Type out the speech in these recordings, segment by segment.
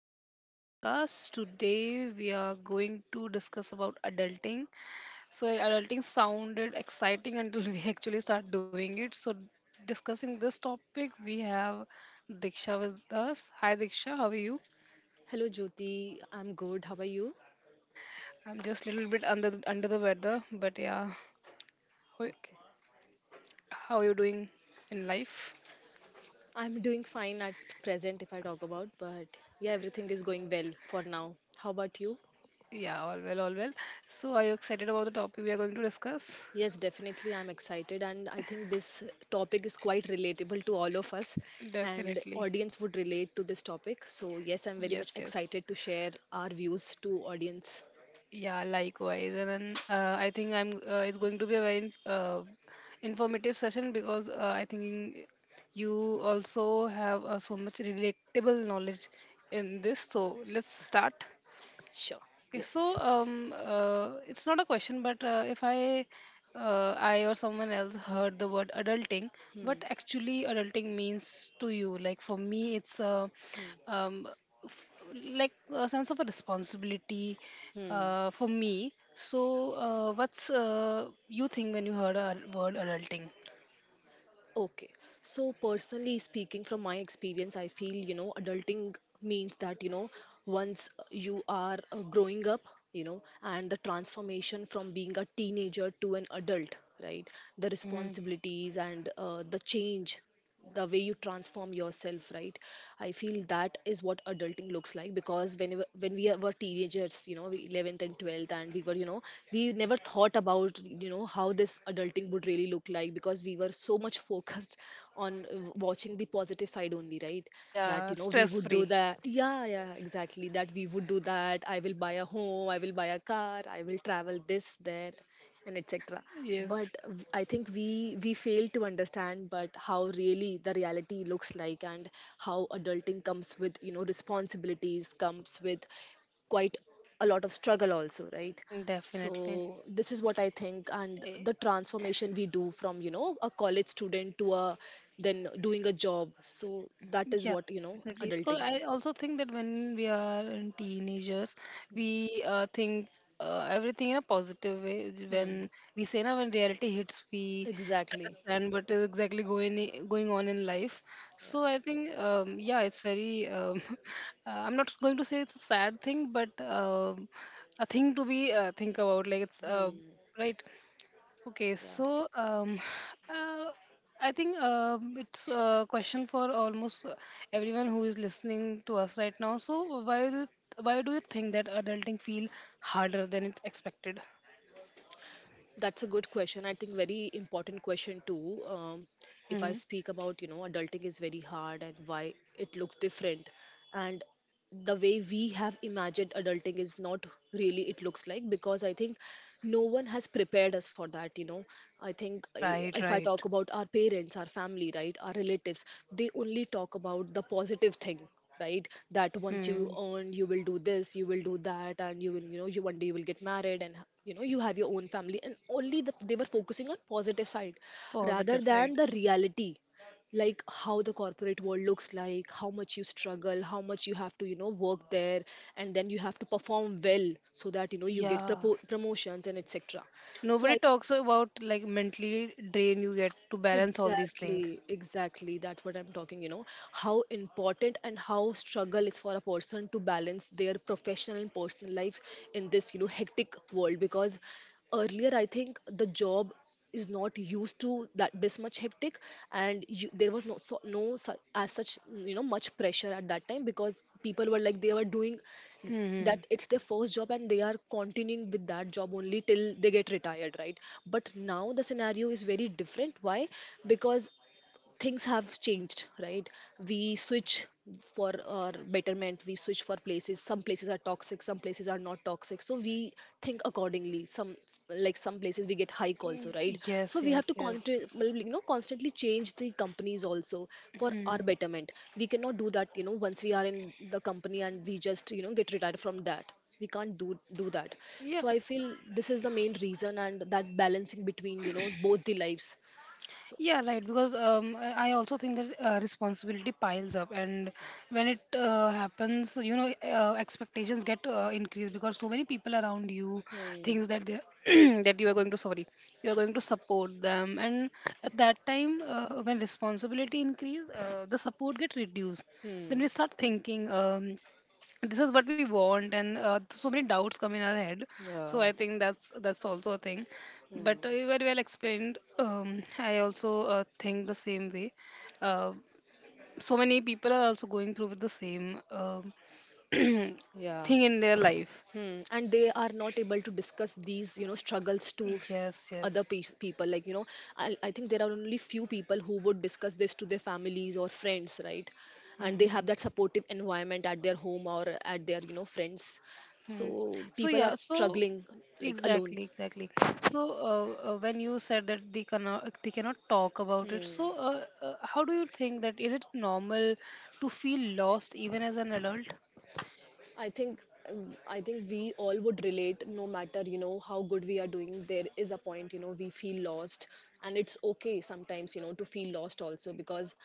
back to my podcast. Today we are going to discuss about adulting. So adulting sounded exciting until we actually start doing it. So discussing this topic, we have Diksha with us. Hi Diksha, how are you? Hello, Jyoti. I'm good. How are you? I'm just a little bit under the weather, but yeah. Ho- Okay. How are you doing in life? I'm doing fine at present, if I talk about, but yeah, everything is going well for now. How about you? Yeah, all well, all well. So are you excited about the topic we are going to discuss? Yes, definitely. I'm excited, and I think this topic is quite relatable to all of us, and Definitely. audience would relate to this topic. So yes, I'm very much Yes, yes. excited to share our views to audience. Yeah, likewise. And then I think I'm it's going to be a very informative session because I think you also have so much relatable knowledge in this. So let's start. Sure. Okay, so Yes. It's not a question, but if I, I or someone else heard the word adulting, Hmm. what actually adulting means to you? Like for me, it's a, Hmm. um, f- like a sense of a responsibility, Hmm. For me. So, what's you think when you heard a word adulting? Okay. So, personally speaking, from my experience, I feel, adulting means that, once you are growing up, you know, and the transformation from being a teenager to an adult, right? The Hmm. responsibilities and the change, the way you transform yourself, right? I feel that is what adulting looks like because when we were teenagers, you know, 11th and 12th, and we were, you know, we never thought about, you know, how this adulting would really look like because we were so much focused on watching the positive side only, right? That, you Yeah, know, we stress would do free. that. Yeah, yeah, exactly, that we would do that. I will buy a home, I will buy a car, I will travel this there, and etc. Yes, But I think we fail to understand but how really the reality looks like, and how adulting comes with, you know, responsibilities, comes with quite a lot of struggle also, right? So definitely. this is what I think, and the transformation we do from, you know, a college student to a then doing a job, so that is Yeah, what, you know, definitely. Because adulting. I also think that when we are in teenagers, we think everything in a positive way. Which When we say now, when reality hits, we Exactly. understand what is exactly going on in life. So Yeah. I think, yeah, it's very. I'm not going to say it's a sad thing, but a thing to be think about. Like it's Hmm. right. Okay, Yeah. so uh, I think it's a question for almost everyone who is listening to us right now. So why do you think that adulting feel harder than it expected? That's a good question. I think very important question too. If I Hmm. speak about, you know, adulting is very hard and why it looks different, and the way we have imagined adulting is not really it looks like because I think no one has prepared us for that, you know. I think Right, if I right. talk about our parents, our family, right, our relatives, they only talk about the positive thing, right, that once you Hmm. earn you will do this, you will do that, and you will, you know, you one day you will get married, and you know, you have your own family, and only they were focusing on positive side rather Positive than side. the reality, like how the corporate world looks like, how much you struggle, how much you have to, you know, work there, and then you have to perform well so that, you know, you get Yeah. Promotions and etc. So Nobody I, talks about like mentally drain you get to balance all these things. exactly, exactly. That's what I'm talking, you know, how important and how struggle is for a person to balance their professional and personal life in this, you know, hectic world because earlier I think the job is not used to that this much hectic, and you, there was no no as such, you know, much pressure at that time because people were like they were doing Hmm. that it's their first job, and they are continuing with that job only till they get retired, right? But now the scenario is very different. Why? Because things have changed, right? We switch for our betterment, we switch for places, some places are toxic, some places are not toxic, so we think accordingly. Some, like some places we get hike also, right? So Yes, we have yes, to yes. constantly, you know, constantly change the companies also for our Hmm. betterment. We cannot do that, you know, once we are in the company and we just, you know, get retired from that. We can't do that. Yeah. So I feel this is the main reason, and that balancing between, you know, both the lives. So, Yeah, right. Because I also think that responsibility piles up, and when it happens, expectations get increased because so many people around you hmm. thinks that they that you are going to sorry, you are going to support them, and at that time, when responsibility increase, the support get reduced. Hmm. Then we start thinking. This is what we want and so many doubts come in our head, Yeah. so I think that's also a thing. Hmm. But you very well explained. I also think the same way. uh, so many people are also going through with the same Yeah. thing in their life. Hmm. And they are not able to discuss these, you know, struggles to Yes, yes. People. Like, you know, I think there are only few people who would discuss this to their families or friends, right? And they Mhm. have that supportive environment at their home or at their, you know, friends. Hmm. So So people are yeah, so struggling like alone. exactly, exactly. So when you said that they cannot talk about it, so how do you think that is it normal to feel lost even as an adult? I think I think we all would relate, no matter, you know, how good we are doing, there is a point, you know, we feel lost, and it's okay sometimes, you know, to feel lost also because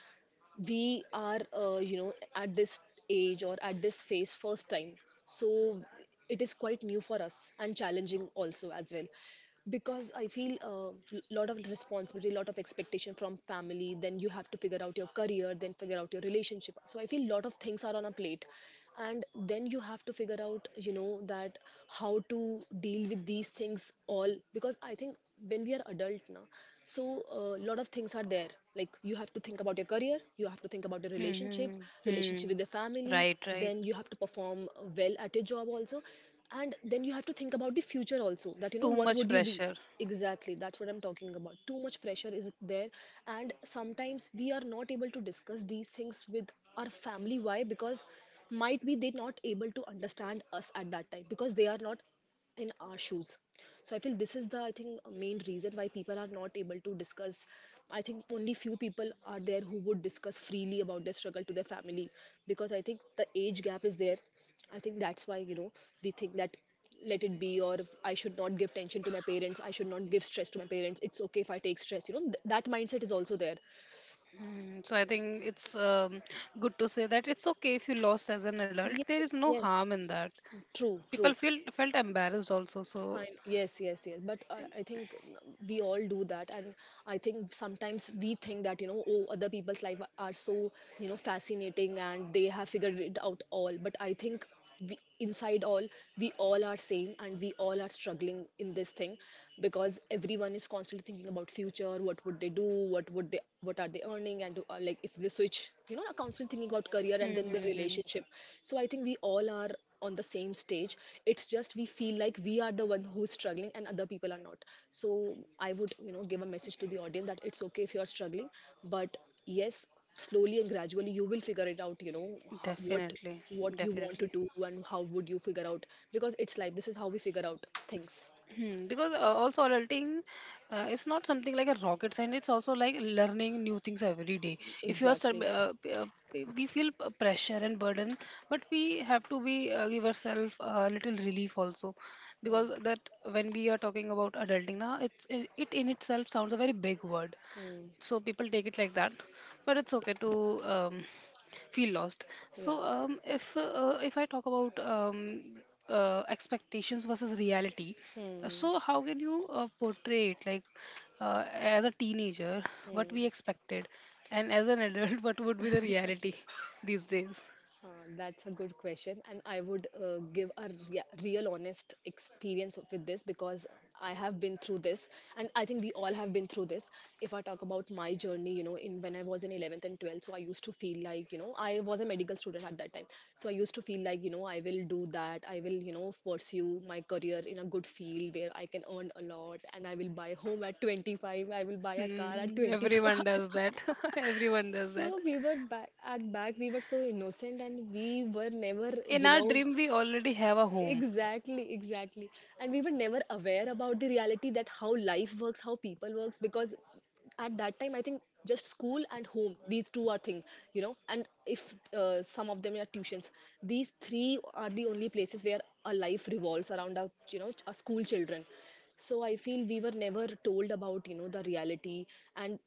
we are, you know, at this age or at this phase first time. So it is quite new for us and challenging also as well because I feel a lot of responsibility, lot of expectation from family, then you have to figure out your career, then figure out your relationship. So I feel lot of things are on a plate, and then you have to figure out, you know, that how to deal with these things all because I think when we are adult now, so a lot of things are there. Like you have to think about your career, you have to think about your relationship, Hmm. relationship Hmm. with your family, Right, right. then you have to perform well at your job also, and then you have to think about the future also, that, you know, Too what much would you be. pressure. Exactly, that's what I'm talking about, too much pressure is there. And sometimes we are not able to discuss these things with our family. Why? Because might be they not able to understand us at that time because they are not in our shoes. So I feel this is the, I think, main reason why people are not able to discuss. I think only few people are there who would discuss freely about their struggle to their family because I think the age gap is there. I think that's why, you know, we think that let it be, or I should not give tension to my parents, I should not give stress to my parents, it's okay if I take stress, you know, that mindset is also there. Hmm. So I think it's good to say that it's okay if you lost as an adult. Yes, There is no yes, harm in that. true, true. People feel felt embarrassed also. So I, yes, yes, yes. But I think we all do that, and I think sometimes we think that, you know, oh, other people's life are so, you know, fascinating, and they have figured it out all. But I think we inside all, we all are same, and we all are struggling in this thing because everyone is constantly thinking about future, what would they do, what would they, what are they earning, and like if they switch, you know, constantly thinking about career, and hmm, then the hmm, hmm. relationship. So I think we all are on the same stage. It's just we feel like we are the one who's struggling and other people are not. So I would, you know, give a message to the audience that it's okay if you are struggling, but yes, slowly and gradually you will figure it out, you know, ho- what Definitely, what you want to definitely. do and how would you figure out, because it's life, this is how we figure out things. Hmm, because also adulting, it's not something like a rocket science, it's also like learning new things every day. If you are sub- Exactly. P- p- we feel pressure and burden, but we have to be, give ourselves a little relief also, because that when we are talking about adulting now, it in itself sounds a very big word, so people take it like that, but it's okay to feel lost. So Yeah. If I talk about expectations versus reality, so how can you portray it, like as a teenager what we expected, and as an adult what would be the reality these days? Uh, that's a good question, and I would give a real, honest experience with this because I have been through this, and I think we all have been through this. If I talk about my journey, you know, in when I was in 11th and 12th, so I used to feel like, you know, I was a medical student at that time, so I used to feel like, you know, I will do that, I will, you know, pursue my career in a good field where I can earn a lot, and I will buy home at 25, I will buy a car at Hmm, everyone does 25. that. Everyone does that. So we were back at back, we were so innocent, and we were never, In you our know, dream we already have a home. exactly, exactly. And we were never aware about the reality, that how life works, how people works, because at that time, I think just school and home, these two are thing, you know, and if some of them are tuitions, these three are the only places where a life revolves around our, you know, our school children. So I feel we were never told about, the reality, and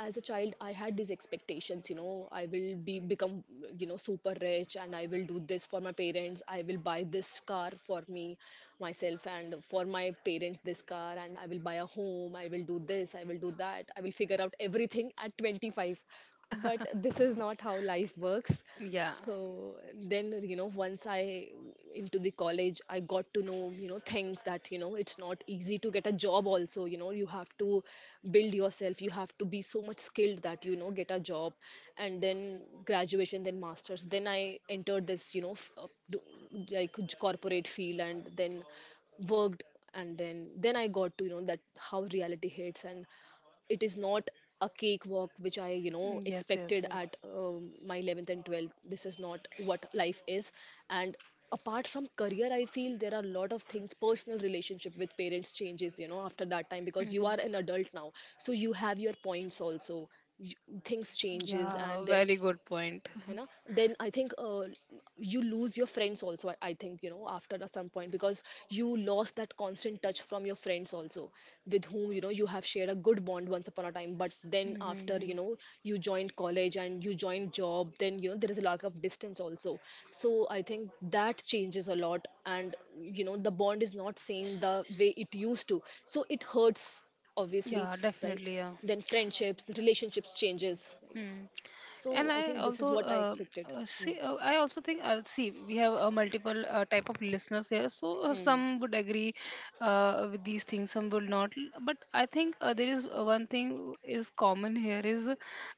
as a child I had these expectations. You know, I will be become, you know, super rich, and I will do this for my parents, I will buy this car for me myself and for my parents this car, and I will buy a home, I will do this, I will do that, I will figure out everything at 25. But this is not how life works. Yeah. So then, you know, once I into the college, I got to know, you know, things that, you know, it's not easy to get a job also. You know, you have to build yourself, you have to be so much skilled that, you know, get a job. And then graduation, then masters, then I entered this, you know, like corporate field, and then worked. And then I got to you know, that how reality hits, and it is not a cakewalk which I, you know, Yes, yes, expected yes. at my 11th and 12th. This is not what life is. And apart from career, I feel there are a lot of things. Personal relationship with parents changes, you know, after that time, because you Hmm. are an adult now. So you have your points also. You, things changes, Yeah, and then very good point. है ना, then I think, you lose your friends also. I think, you know, after a some point, because you lost that constant touch from your friends also, with whom, you know, you have shared a good bond once upon a time, but then Mhm, after, you mhm. know, you joined college and you joined job, then, you know, there is a lack of distance also. So I think that changes a lot, and, you know, the bond is not same the way it used to. So it hurts, obviously, Yeah, definitely. right? Yeah. Then friendships, relationships changes. Hmm. So I And think this I is what also I expected. Hmm. see. I also think. See, we have multiple type of listeners here. So Hmm. some would agree with these things. Some would not. But I think there is one thing is common here is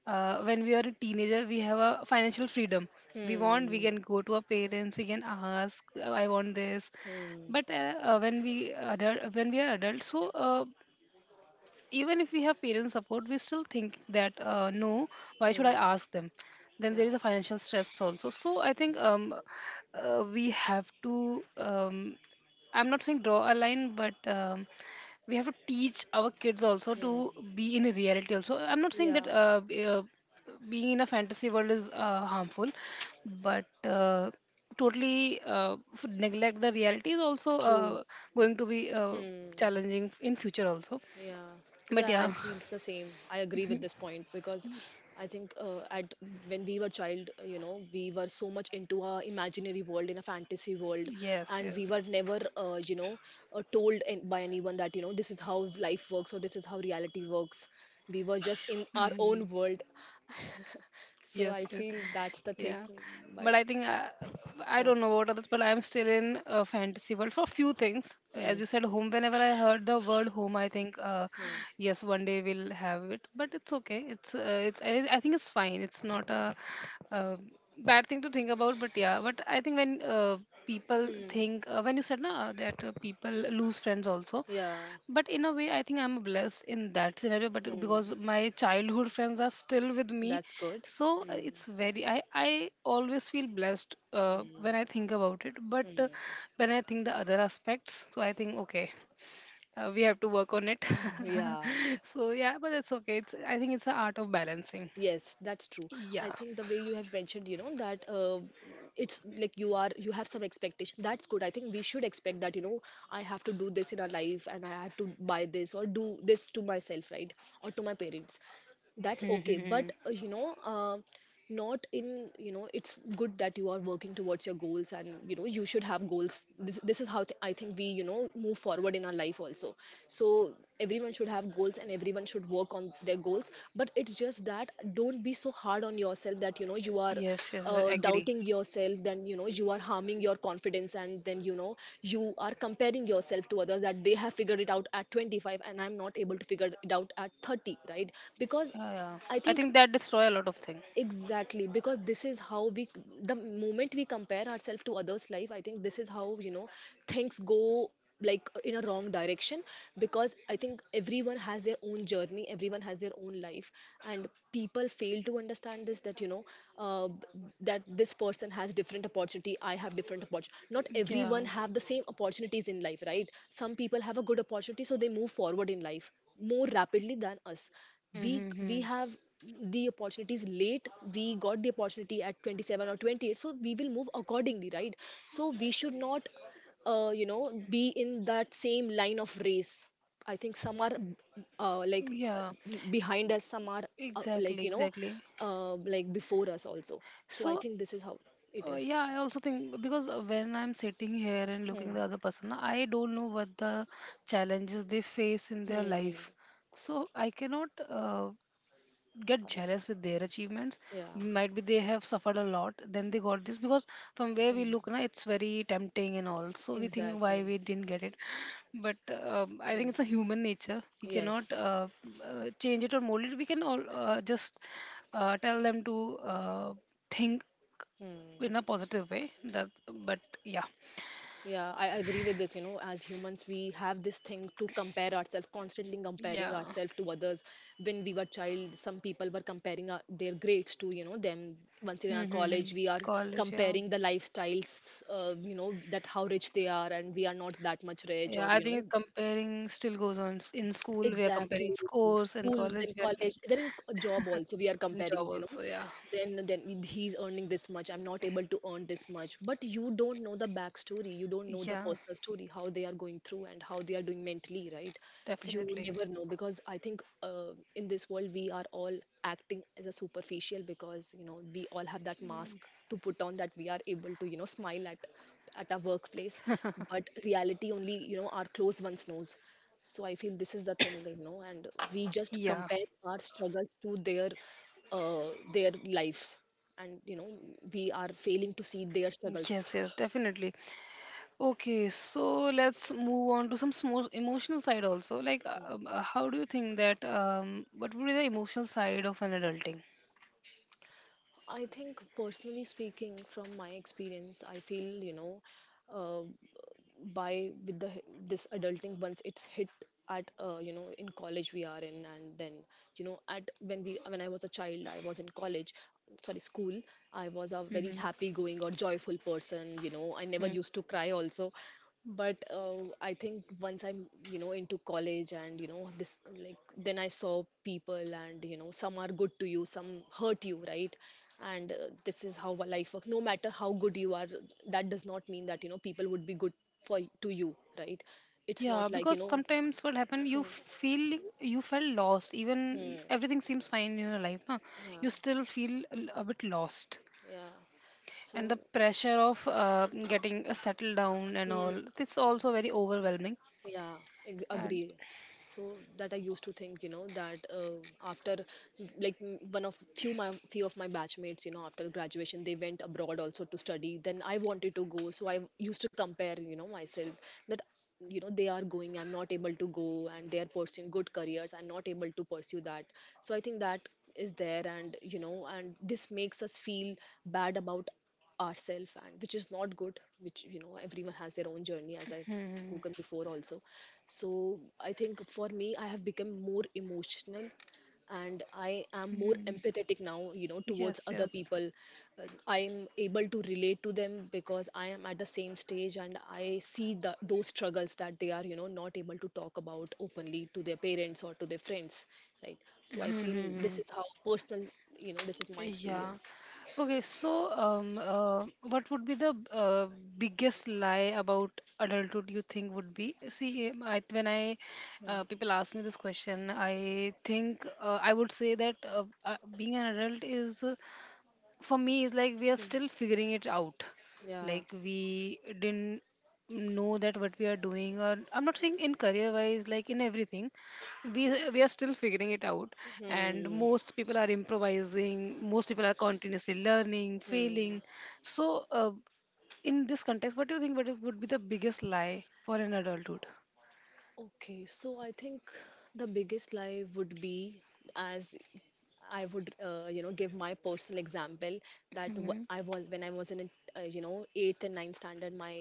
when we are a teenager, we have a financial freedom. We want. We Hmm. can go to our parents. We can ask. I want this. Hmm. But when we are adults, so. Even if we have parent support, we still think that no, why should I Hmm. ask them? Then there Yeah. is a financial stress also, so I think we have to I'm not saying draw a line, but we have to teach our kids also to Hmm. be in reality also. I'm not saying that Yeah. Being in a fantasy world is harmful, but totally neglect the reality is also True. Going to be challenging in future also, Yeah. but Yeah, I yeah. feel it's the same. I agree with this point, because I think, at when we were child, you know, we were so much into a imaginary world, in a fantasy world, Yes, and we yes. were never, you know, by anyone that, you know, this is how life works, or this is how reality works. We were just in our Mhm. own world. So Yes, I yes. feel that's the thing, Yeah, but but I think I yeah. don't know about others, but I'm still in a fantasy world for few things. As Hmm. you said, home, whenever I heard the word home, I think Hmm. yes, one day we'll have it, but it's okay, it's I think it's fine. It's not a, uh bad thing to think about, but yeah. But I think when people Hmm. think, when you said na, that people lose friends also, Yeah. but in a way I think I'm blessed in that scenario, but Hmm. because my childhood friends are still with me. That's good. So Hmm. it's very. I always feel blessed Hmm. when I think about it, but when I think the other aspects, so I think okay, we have to work on it. Yeah. So yeah, but it's okay, it's, I think it's the art of balancing. Yes, that's true. I Yeah. think the way you have mentioned, you know, that, it's like you have some expectation. That's good. I think we should expect that, you know, I have to do this in our life, and I have to buy this or do this to myself, right? Or to my parents. That's okay. But Mhm. You know, not in, you know, it's good that you are working towards your goals, and, you know, you should have goals. This is how I think we, you know, move forward in our life also. So everyone should have goals, and everyone should work on their goals. But it's just that don't be so hard on yourself, that you know you are Yes, yes, I agree. doubting yourself, then, you know, you are harming your confidence, and then, you know, you are comparing yourself to others, that they have figured it out at 25 and I'm not able to figure it out at 30, right? Because Yeah, yeah. I I think think that destroy a lot of things. exactly, because this is how we, the moment we compare ourselves to others life, I think this is how, you know, things go, like in a wrong direction. Because I think everyone has their own journey, everyone has their own life, and people fail to understand this, that, you know, uh, that this person has different opportunity, I have different opportunity. Not Yeah. everyone have the same opportunities in life, right? Some people have a good opportunity, so they move forward in life more rapidly than us. we we Mm-hmm. have the opportunities late, we got the opportunity at 27 or 28, so we will move accordingly, right? So we should not, you know, be in that same line of race. I think some are, like, Yeah, behind us, some are, like, exactly, you know, exactly. Like before us also. So I So think this is how it is. yeah, I also think, because when I'm sitting here and looking Hmm. the other person, I don't know what the challenges they face in their Hmm. life. So I cannot get jealous with their achievements. Yeah. Might be they have suffered a lot, then they got this because from where we Hmm. look, na, it's very tempting and all. So we think why Exactly. we didn't get it. But I think it's a Hmm. human nature. We cannot Yes. Change it or mold it. We can all just tell them to think in a positive way, that but yeah. Yeah, I agree with this. You know, as humans, we have this thing to compare ourselves, constantly comparing Yeah. ourselves to others. When we were child, some people were comparing our, their grades to, you know, them. Once in our Mm-hmm. college, we are College, yeah. comparing the lifestyles, you know, that how rich they are, and we are not that much rich, or, Yeah, I you know, think comparing still goes on. In school we are comparing exactly. scores, in School, college then we are, college, then in job also we are in job comparing, you know, also. Yeah. then he's earning this much, I'm not able to earn this much. But you don't know the backstory, you don't know the Yeah, personal story, how they are going through and how they are doing mentally, right? You definitely. never know, because I think, in this world we are all acting as a superficial, because you know we all have that mask to put on, that we are able to, you know, smile at our workplace, but reality only, you know, our close ones knows. So I feel this is the thing, you know, and we just Yeah. compare our struggles to their, uh, their lives, and, you know, we are failing to see their struggles. Yes, yes, definitely. Okay, so let's move on to some small emotional side also, like how do you think that what would be the emotional side of an adulting? I think, personally speaking, from my experience, I feel, you know, uh, by with the this adulting, once it's hit at, you know, in college we are in, and then, you know, at when we when I was a child, I was in college, sorry, school. I was a very Mm-hmm. happy going or joyful person, you know, I never used to cry also. But I think once I'm, you know, into college, and you know this, like then I saw people, and you know some are good to you, some hurt you, right? And this is how a life works. No matter how good you are, that does not mean that, you know, people would be good for to you, right? It's Yeah, not like, you because know. sometimes what happened, you felt lost. Even Hmm. everything seems fine in your life, now you Yeah. still feel a bit lost, Yeah. and the So. pressure of getting settled down and Hmm. all. It's also very overwhelming. Yeah, And agree. So that I used to think, you know, that, after m- like m- one of few my few of my batchmates, you know, after graduation they went abroad also to study. Then I wanted to go, so I used to compare, you know, myself that, you know, they are going, I'm not able to go, and they are pursuing good careers, I'm not able to pursue that. So I think that is there, and, you know, and this makes us feel bad about ourselves, and which is not good, which, you know, everyone has their own journey, as I've spoken before also. So I think for me, I have become more emotional, and I am more mm, empathetic now, you know, towards yes, other yes. people. I'm able to relate to them, because I am at the same stage, and I see the, those struggles that they are, you know, not able to talk about openly to their parents or to their friends, right? So I Hmm, hmm, feel hmm. this is how personal, you know, this is my Yeah. experience. Okay, so what would be the biggest lie about adulthood you think would be? See, when I Hmm. People ask me this question, I think I would say that being an adult is for me is like we are Hmm. still figuring it out, Yeah. like we didn't know that what we are doing, or I'm not saying in career wise, like in everything we are still figuring it out, and Hmm. most people are improvising, most people are continuously learning, Hmm. failing. So in this context, what do you think what would be the biggest lie for an adulthood? Okay, so I think the biggest lie would be, as I would, you know, give my personal example, that Hmm. I was when I was in, you know, eighth and ninth standard.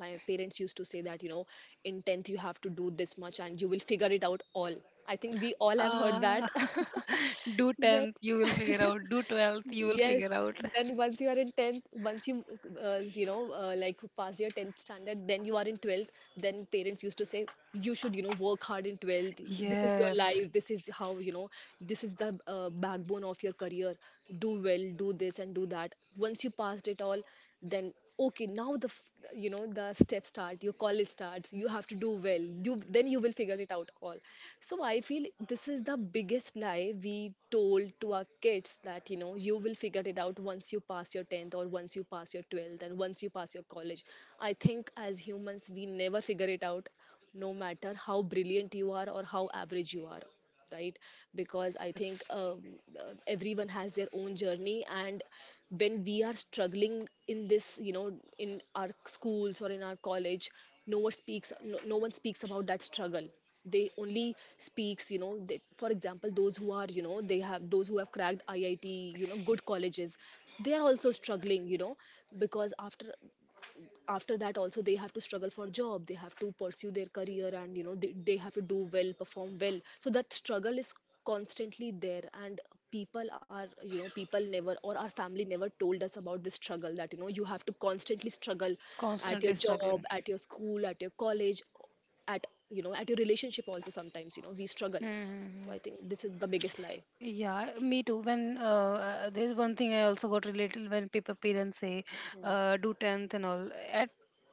My parents used to say that, you know, in tenth you have to do this much and you will figure it out all. I think we all have heard uh, that. do 10th you will figure out, do 12th you will figure Yes, out. then once you are in 10th, once you, you know, like pass your 10th standard, then you are in 12th, then parents used to say, you should, you know, work hard in 12th. This is your Yes, life. This is how, you know, this is the backbone of your career. Do well, do this and do that. Once you passed it all, then okay, now the you know, the step start, your college starts, you have to do well, you then you will figure it out all. So I feel this is the biggest lie we told to our kids, that, you know, you will figure it out once you pass your 10th, or once you pass your 12th, and once you pass your college. I think as humans we never figure it out, no matter how brilliant you are or how average you are, right? Because I think yes. Everyone has their own journey, and when we are struggling in this, you know, in our schools or in our college, no one speaks, no one speaks about that struggle. They only speaks, you know, for example, those who are, you know, they have those who have cracked IIT, you know, good colleges, they are also struggling, you know, because after, after that also they have to struggle for job, they have to pursue their career, and you know they have to do well, perform well, so that struggle is constantly there. And people are, you know, people never, or our family never told us about this struggle, that, you know, you have to constantly struggle at your Constantly job, struggling. at your school, at your college, at, you know, at your relationship also, sometimes, you know, we struggle. Hmm. So I think this is the biggest lie. Yeah, me too. When there's one thing I also got related, when people parents say do 10th and all, at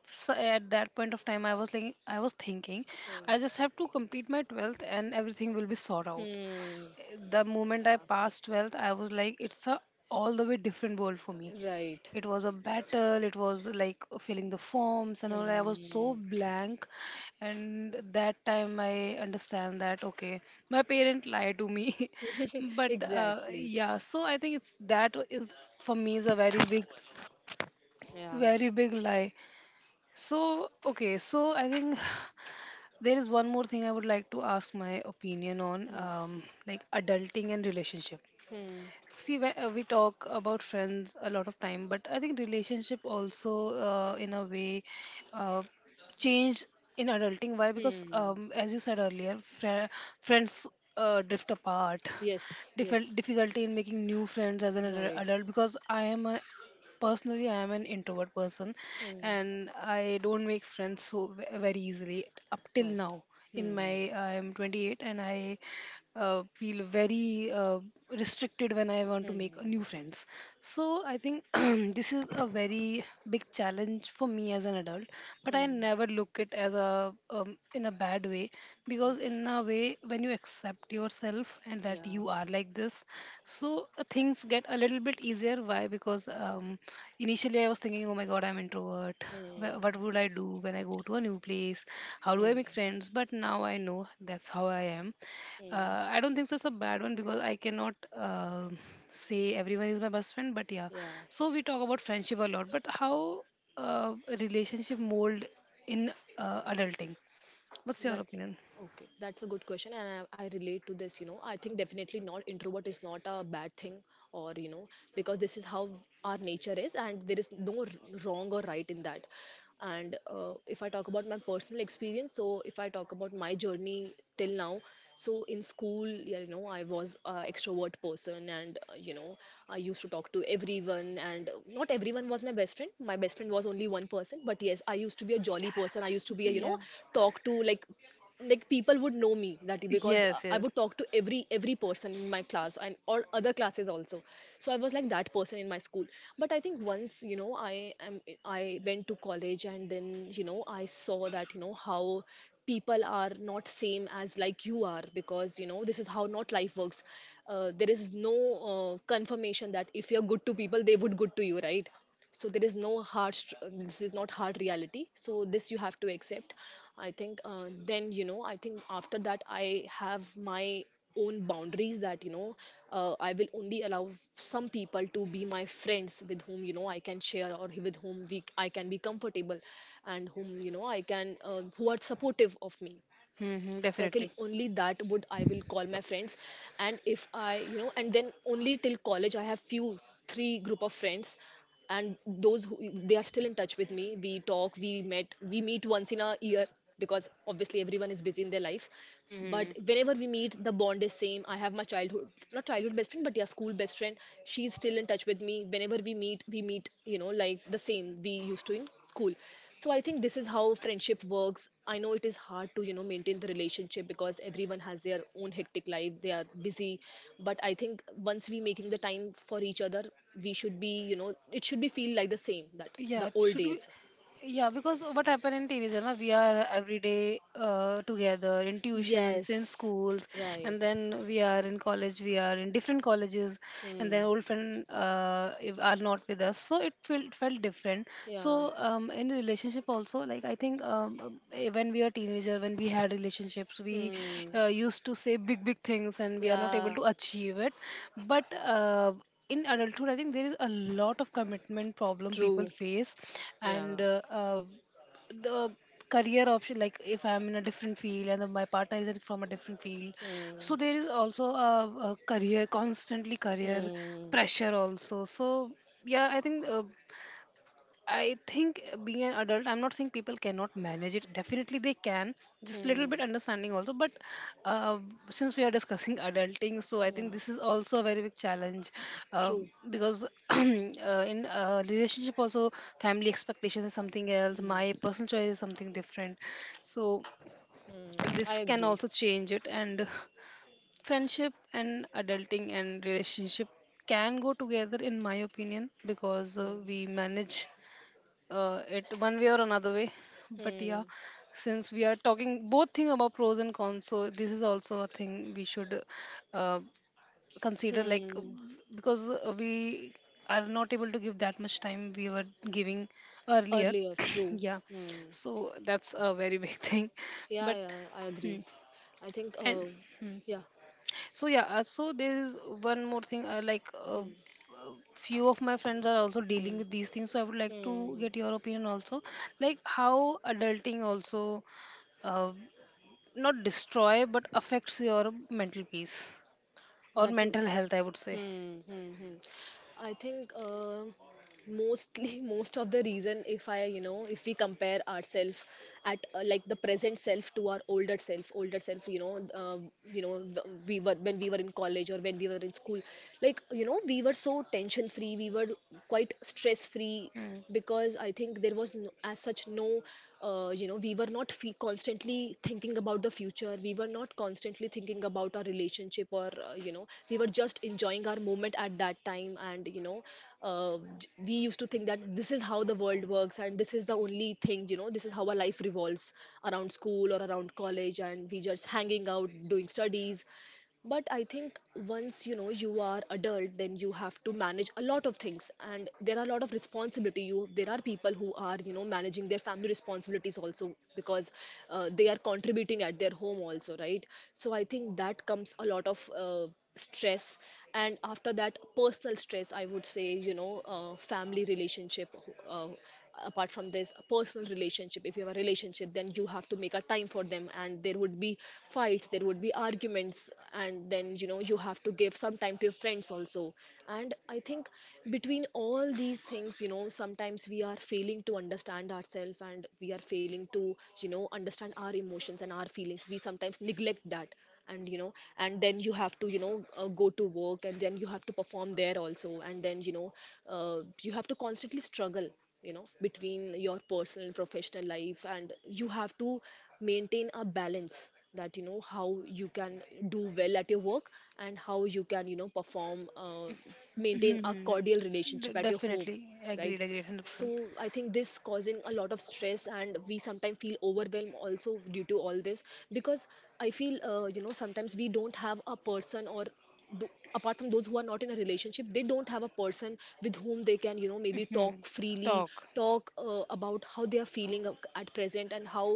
at that point of time, I was thinking Hmm. I just have to complete my 12th and everything will be sorted out. Hmm. The moment I Yeah. passed 12th, I was like, it's a all the way different world for me. Right. It was a battle, it was like filling the forms and all. I was so Hmm. blank. And that time I understand that, okay, my parent lied to me. But Exactly. yeah, so I think it's that is for me is a very big, Yeah. very big lie. So, okay, so I think there is one more thing I would like to ask my opinion on, Hmm. Like adulting and relationship. Hmm. See, we talk about friends a lot of time, but I think relationship also, in a way, uh, change in adulting. Why? Because, Hmm. um, as you said earlier, friends drift apart. Yes. Yes. Difficulty in making new friends as an adult Right. adult because I am a Personally, I am an introvert person, Hmm. and I don't make friends so very easily up till Right. now. In Hmm. my, I am 28, and I feel very restricted when I want to make new Hmm. friends. So I think this is a very big challenge for me as an adult, but I Hmm. never look it as a in a bad way, because in a way, when you accept yourself and that Yeah. you are like this, things get a little bit easier. Why? Because initially, I was thinking, oh my god, I'm introvert. What Hmm. would I do when I go to a new place? How do I make Hmm. friends? But now I know that's how I am. Hmm. I don't think so it's a bad one, because I cannot say everyone is my best friend, but yeah. Yeah. So we talk about friendship a lot, but how uh, relationship mold in adulting? What's your That's opinion? okay. That's a good question, and I relate to this. You know, I think definitely not introvert is not a bad thing, or because this is how our nature is, and there is no wrong or right in that. And if I talk about my personal experience, so if I talk about my journey till now, so in school, yeah, you know, I was an extrovert person, and you know, I used to talk to everyone, and not everyone was my best friend. My best friend was only one person, but yes, I used to be a jolly person, I used to be a Yeah. talk to like people would know me that because Yes, I yes. would talk to every person in my class and or other classes also. So I was like that person in my school, but I think once you know I went to college and then you know I saw that you know how people are not same as like you are, because you know this is how not life works. There is no confirmation that if you're good to people they would good to you, right? So there is no this is not hard reality, so this you have to accept. I think then you know I think after that I have my own boundaries that you know I will only allow some people to be my friends, with whom you know I can share, or with whom we I can be comfortable, and whom you know I can who are supportive of me. Hmm. So I feel Definitely. only that would, I will call my friends. And if I you know and then only till college I have few, three group of friends, and those who, they are still in touch with me. We talk, we met, we meet once in a year, because obviously everyone is busy in their lives. Hmm. But whenever we meet the bond is same. I have my childhood, not childhood best friend, but yeah, school best friend. She's still in touch with me. Whenever we meet, we meet you know like the same we used to in school. So I think this is how friendship works. I know it is hard to you know maintain the relationship because everyone has their own hectic life, they are busy. But I think once we making the time for each other, we should be you know, it should be feel like the same that Yeah, the old should we? days. Yeah, because what happened in teenager, na, we are every day together in tuitions, in Yes. schools, Right. and then we are in college, we are in different colleges, and then Hmm. old friend are not with us. So it felt different. Yeah. So in relationship also, like I think when we are teenager, when we had relationships, we Hmm. Used to say big big things, and we are not able Yeah. to achieve it. But in adulthood, I think there is a lot of commitment problem people True. face, Yeah. and the career option, like if I'm in a different field and my partner is from a different field, Hmm. so there is also a career, constantly career Hmm. pressure also. So yeah i think uh, I think being an adult, I'm not saying people cannot manage it. Definitely they can. Just little bit Hmm. understanding also. But uh, since we are discussing adulting, so I Yeah. think this is also a very big challenge uh, True. because in relationship also, family expectations is something else. My Hmm, personal choice is something different. So hmm. I this can agree. also change it. And friendship and adulting and relationship can go together in my opinion, because we manage it one way or another way. But yeah, Hmm. since we are talking both thing about pros and cons, so this is also a thing we should uh, consider. Like Hmm. because we are not able to give that much time we were giving earlier. Earlier, true. yeah, Hmm. so that's a very big thing. Yeah, But yeah, yeah. I hmm, agree. I think, and. Hmm. yeah. So so there is one more thing. Few of my friends are also dealing Hmm. with these things, so I would like to Hmm. get your opinion also. Like how adulting also uh, not destroy but affects your mental peace or That's a, mental health, I would say. I think, mostly, most of the reason if I, you know, if we compare ourselves at like the present self to our older self, you know, we were when we were in college or when we were in school, like, you know, we were so tension free, we were quite stress free, Mm. because I think there was no, as such no you know, we were not constantly thinking about the future, we were not constantly thinking about our relationship or you know, we were just enjoying our moment at that time, and you know we used to think that this is how the world works, and this is the only thing, you know, this is how our life revolves around school or around college, and we just hanging out, doing studies. But I think once you know you are adult then you have to manage a lot of things, and there are a lot of responsibility, you there are people who are you know managing their family responsibilities also, because they are contributing at their home also, right? So I think that comes a lot of stress. And after that, personal stress, I would say, you know, family relationship, uh, apart from this a personal relationship, if you have a relationship then you have to make a time for them, and there would be fights, there would be arguments, and then you know you have to give some time to your friends also. And I think between all these things you know sometimes we are failing to understand ourselves, and we are failing to you know understand our emotions and our feelings, we sometimes neglect that. And you know, and then you have to you know go to work and then you have to perform there also, and then you know you have to constantly struggle, you know, between your personal and professional life, and you have to maintain a balance that you know how you can do well at your work and how you can you know perform, maintain a cordial relationship Mm-hmm. at your home, Definitely right? agreed. Agreed. Hundred So percent. I think this causing a lot of stress and we sometimes feel overwhelmed also due to all this, because I feel you know sometimes we don't have a person apart from those who are not in a relationship, they don't have a person with whom they can you know maybe talk freely, Talk. talk about how they are feeling at present, and how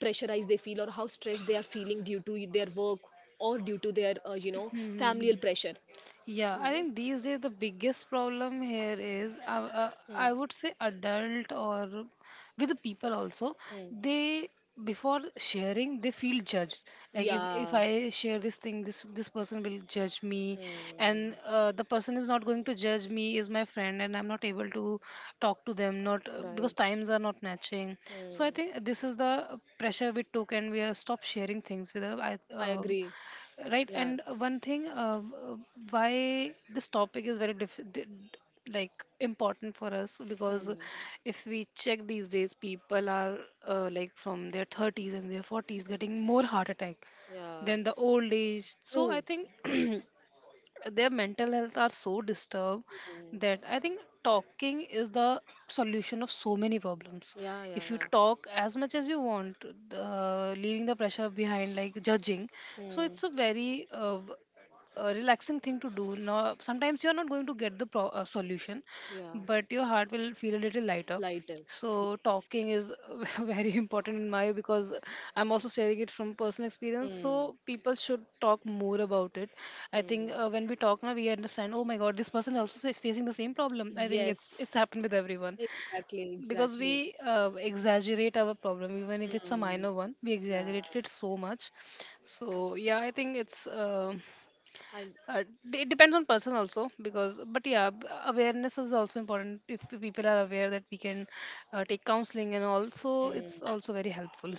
pressurized they feel or how stressed they are feeling due to their work or due to their you know familial pressure, Yeah, you I know. think these days the biggest problem here is Mm, I would say adult or with the people also, mm. they, before sharing they feel judged. Like if Yeah. I share this thing, this person will judge me. Mm. And the person is not going to judge me is my friend, and I'm not able to talk to them, not because Right. times are not matching. So I Hmm. think this is the pressure we took, and we are stopped sharing things with I agree. right. And Yes. one thing uh, why this topic is very important for us, because Hmm. if we check these days, people are like from their 30s and their 40s getting more heart attack Yeah. than the old age. So I True. think their mental health are so disturbed Hmm. that I think talking is the solution of so many problems. Yeah, yeah, If you yeah. talk as much as you want, leaving the pressure behind, like judging, so Hmm. it's a very a relaxing thing to do. Now, sometimes you're not going to get the solution, Yeah. but your heart will feel a little lighter. Lighters. So talking is very important in my, because I'm also sharing it from personal experience. Hmm. So people should talk more about it. I think Hmm. When we talk now, we understand, oh my god, this person is also facing the same problem. I think it's Yes. happened with everyone, Exactly, because we exactly. Exaggerate our problem even if it's a Hmm. minor one. We Yeah. exaggerate it so much. So yeah, I think it's. I uh, it depends on person also, because but yeah, awareness is also important. If the people are aware that we can take counseling and also, it's also very helpful.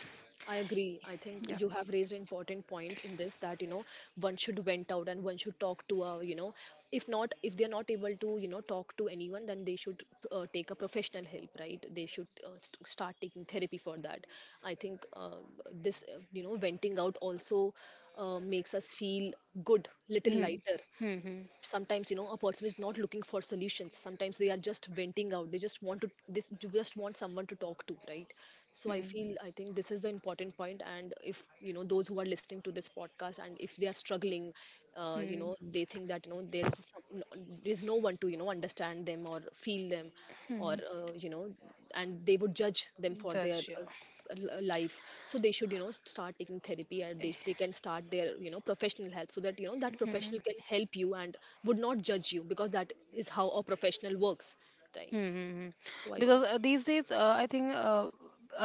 I agree. I think Yeah. you have raised an important point in this, that you know one should vent out, and one should talk to a, you know, if not, if they are not able to you know talk to anyone, then they should take a professional help, right? They should start taking therapy for that. I think this you know venting out also makes us feel good, little Hmm. lighter. Hmm. Sometimes you know a person is not looking for solutions, sometimes they are just venting out, they just want to this you just want someone to talk to, right? So I Hmm. feel, I think this is the important point. And if you know those who are listening to this podcast and if they are struggling, you Hmm. know they think that you know there is there's no one to you know understand them or feel them, or Mm-hmm. You know, and they would judge them for their Judge, yeah. Life. So they should you know start taking therapy, and they can start their you know professional help so that you know that professional can help you and would not judge you, because that is how a professional works, right? Hmm. So I Because think. These days, I think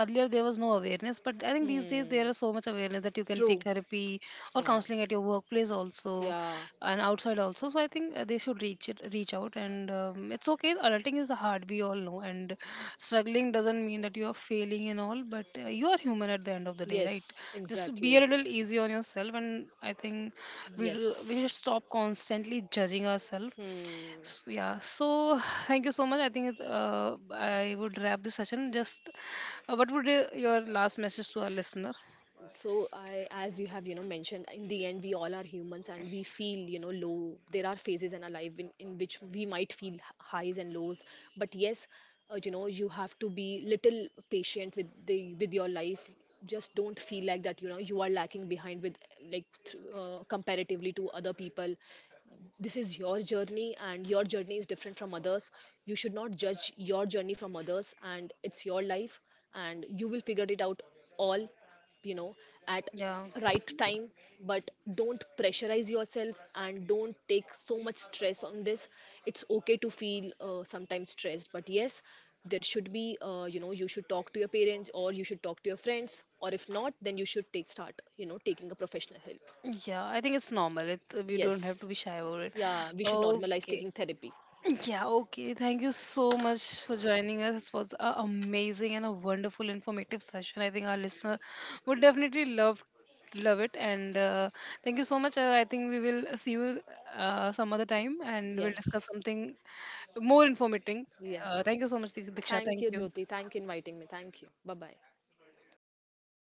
earlier there was no awareness, but I think these days there Hmm, is so much awareness that you can take true. therapy or Yeah. counseling at your workplace also, Yeah. and outside also. So I think they should reach it, reach out, and it's okay. Adulting is hard, we all know, and struggling doesn't mean that you are failing and all, but you are human at the end of the day, right? Yes, Just be a exactly. little easy on yourself, and I think we Yes. should stop constantly judging ourselves. Hmm. Yeah, so thank you so much. I think it's, I would wrap this session. Just what would your last message to our listener? So I, as you have you know mentioned in the end, we all are humans and we feel you know low, there are phases in our life in which we might feel highs and lows, but yes, you know you have to be little patient with the with your life. Just don't feel like that you know you are lacking behind with like comparatively to other people. This is your journey, and your journey is different from others. You should not judge your journey from others, and it's your life, and you will figure it out all, you know, at, Yeah. right time. But don't pressurize yourself and don't take so much stress on this. It's okay to feel sometimes stressed, but yes, there should be you know, you should talk to your parents, or you should talk to your friends, or if not then you should take start you know taking a professional help. Yeah, I think it's normal. It, we don't have Yes. to be shy about it. Yeah, we should normalize Okay. taking therapy. Yeah, okay. Thank you so much for joining us. It was an amazing and a wonderful informative session. I think our listener would definitely love it. And thank you so much. I think we will see you some other time, and we'll discuss Yes. something more informative. Yeah. Thank you so much, Diksha, Thank thank you, you. Jyoti. Thank you inviting me. Thank you. Bye bye.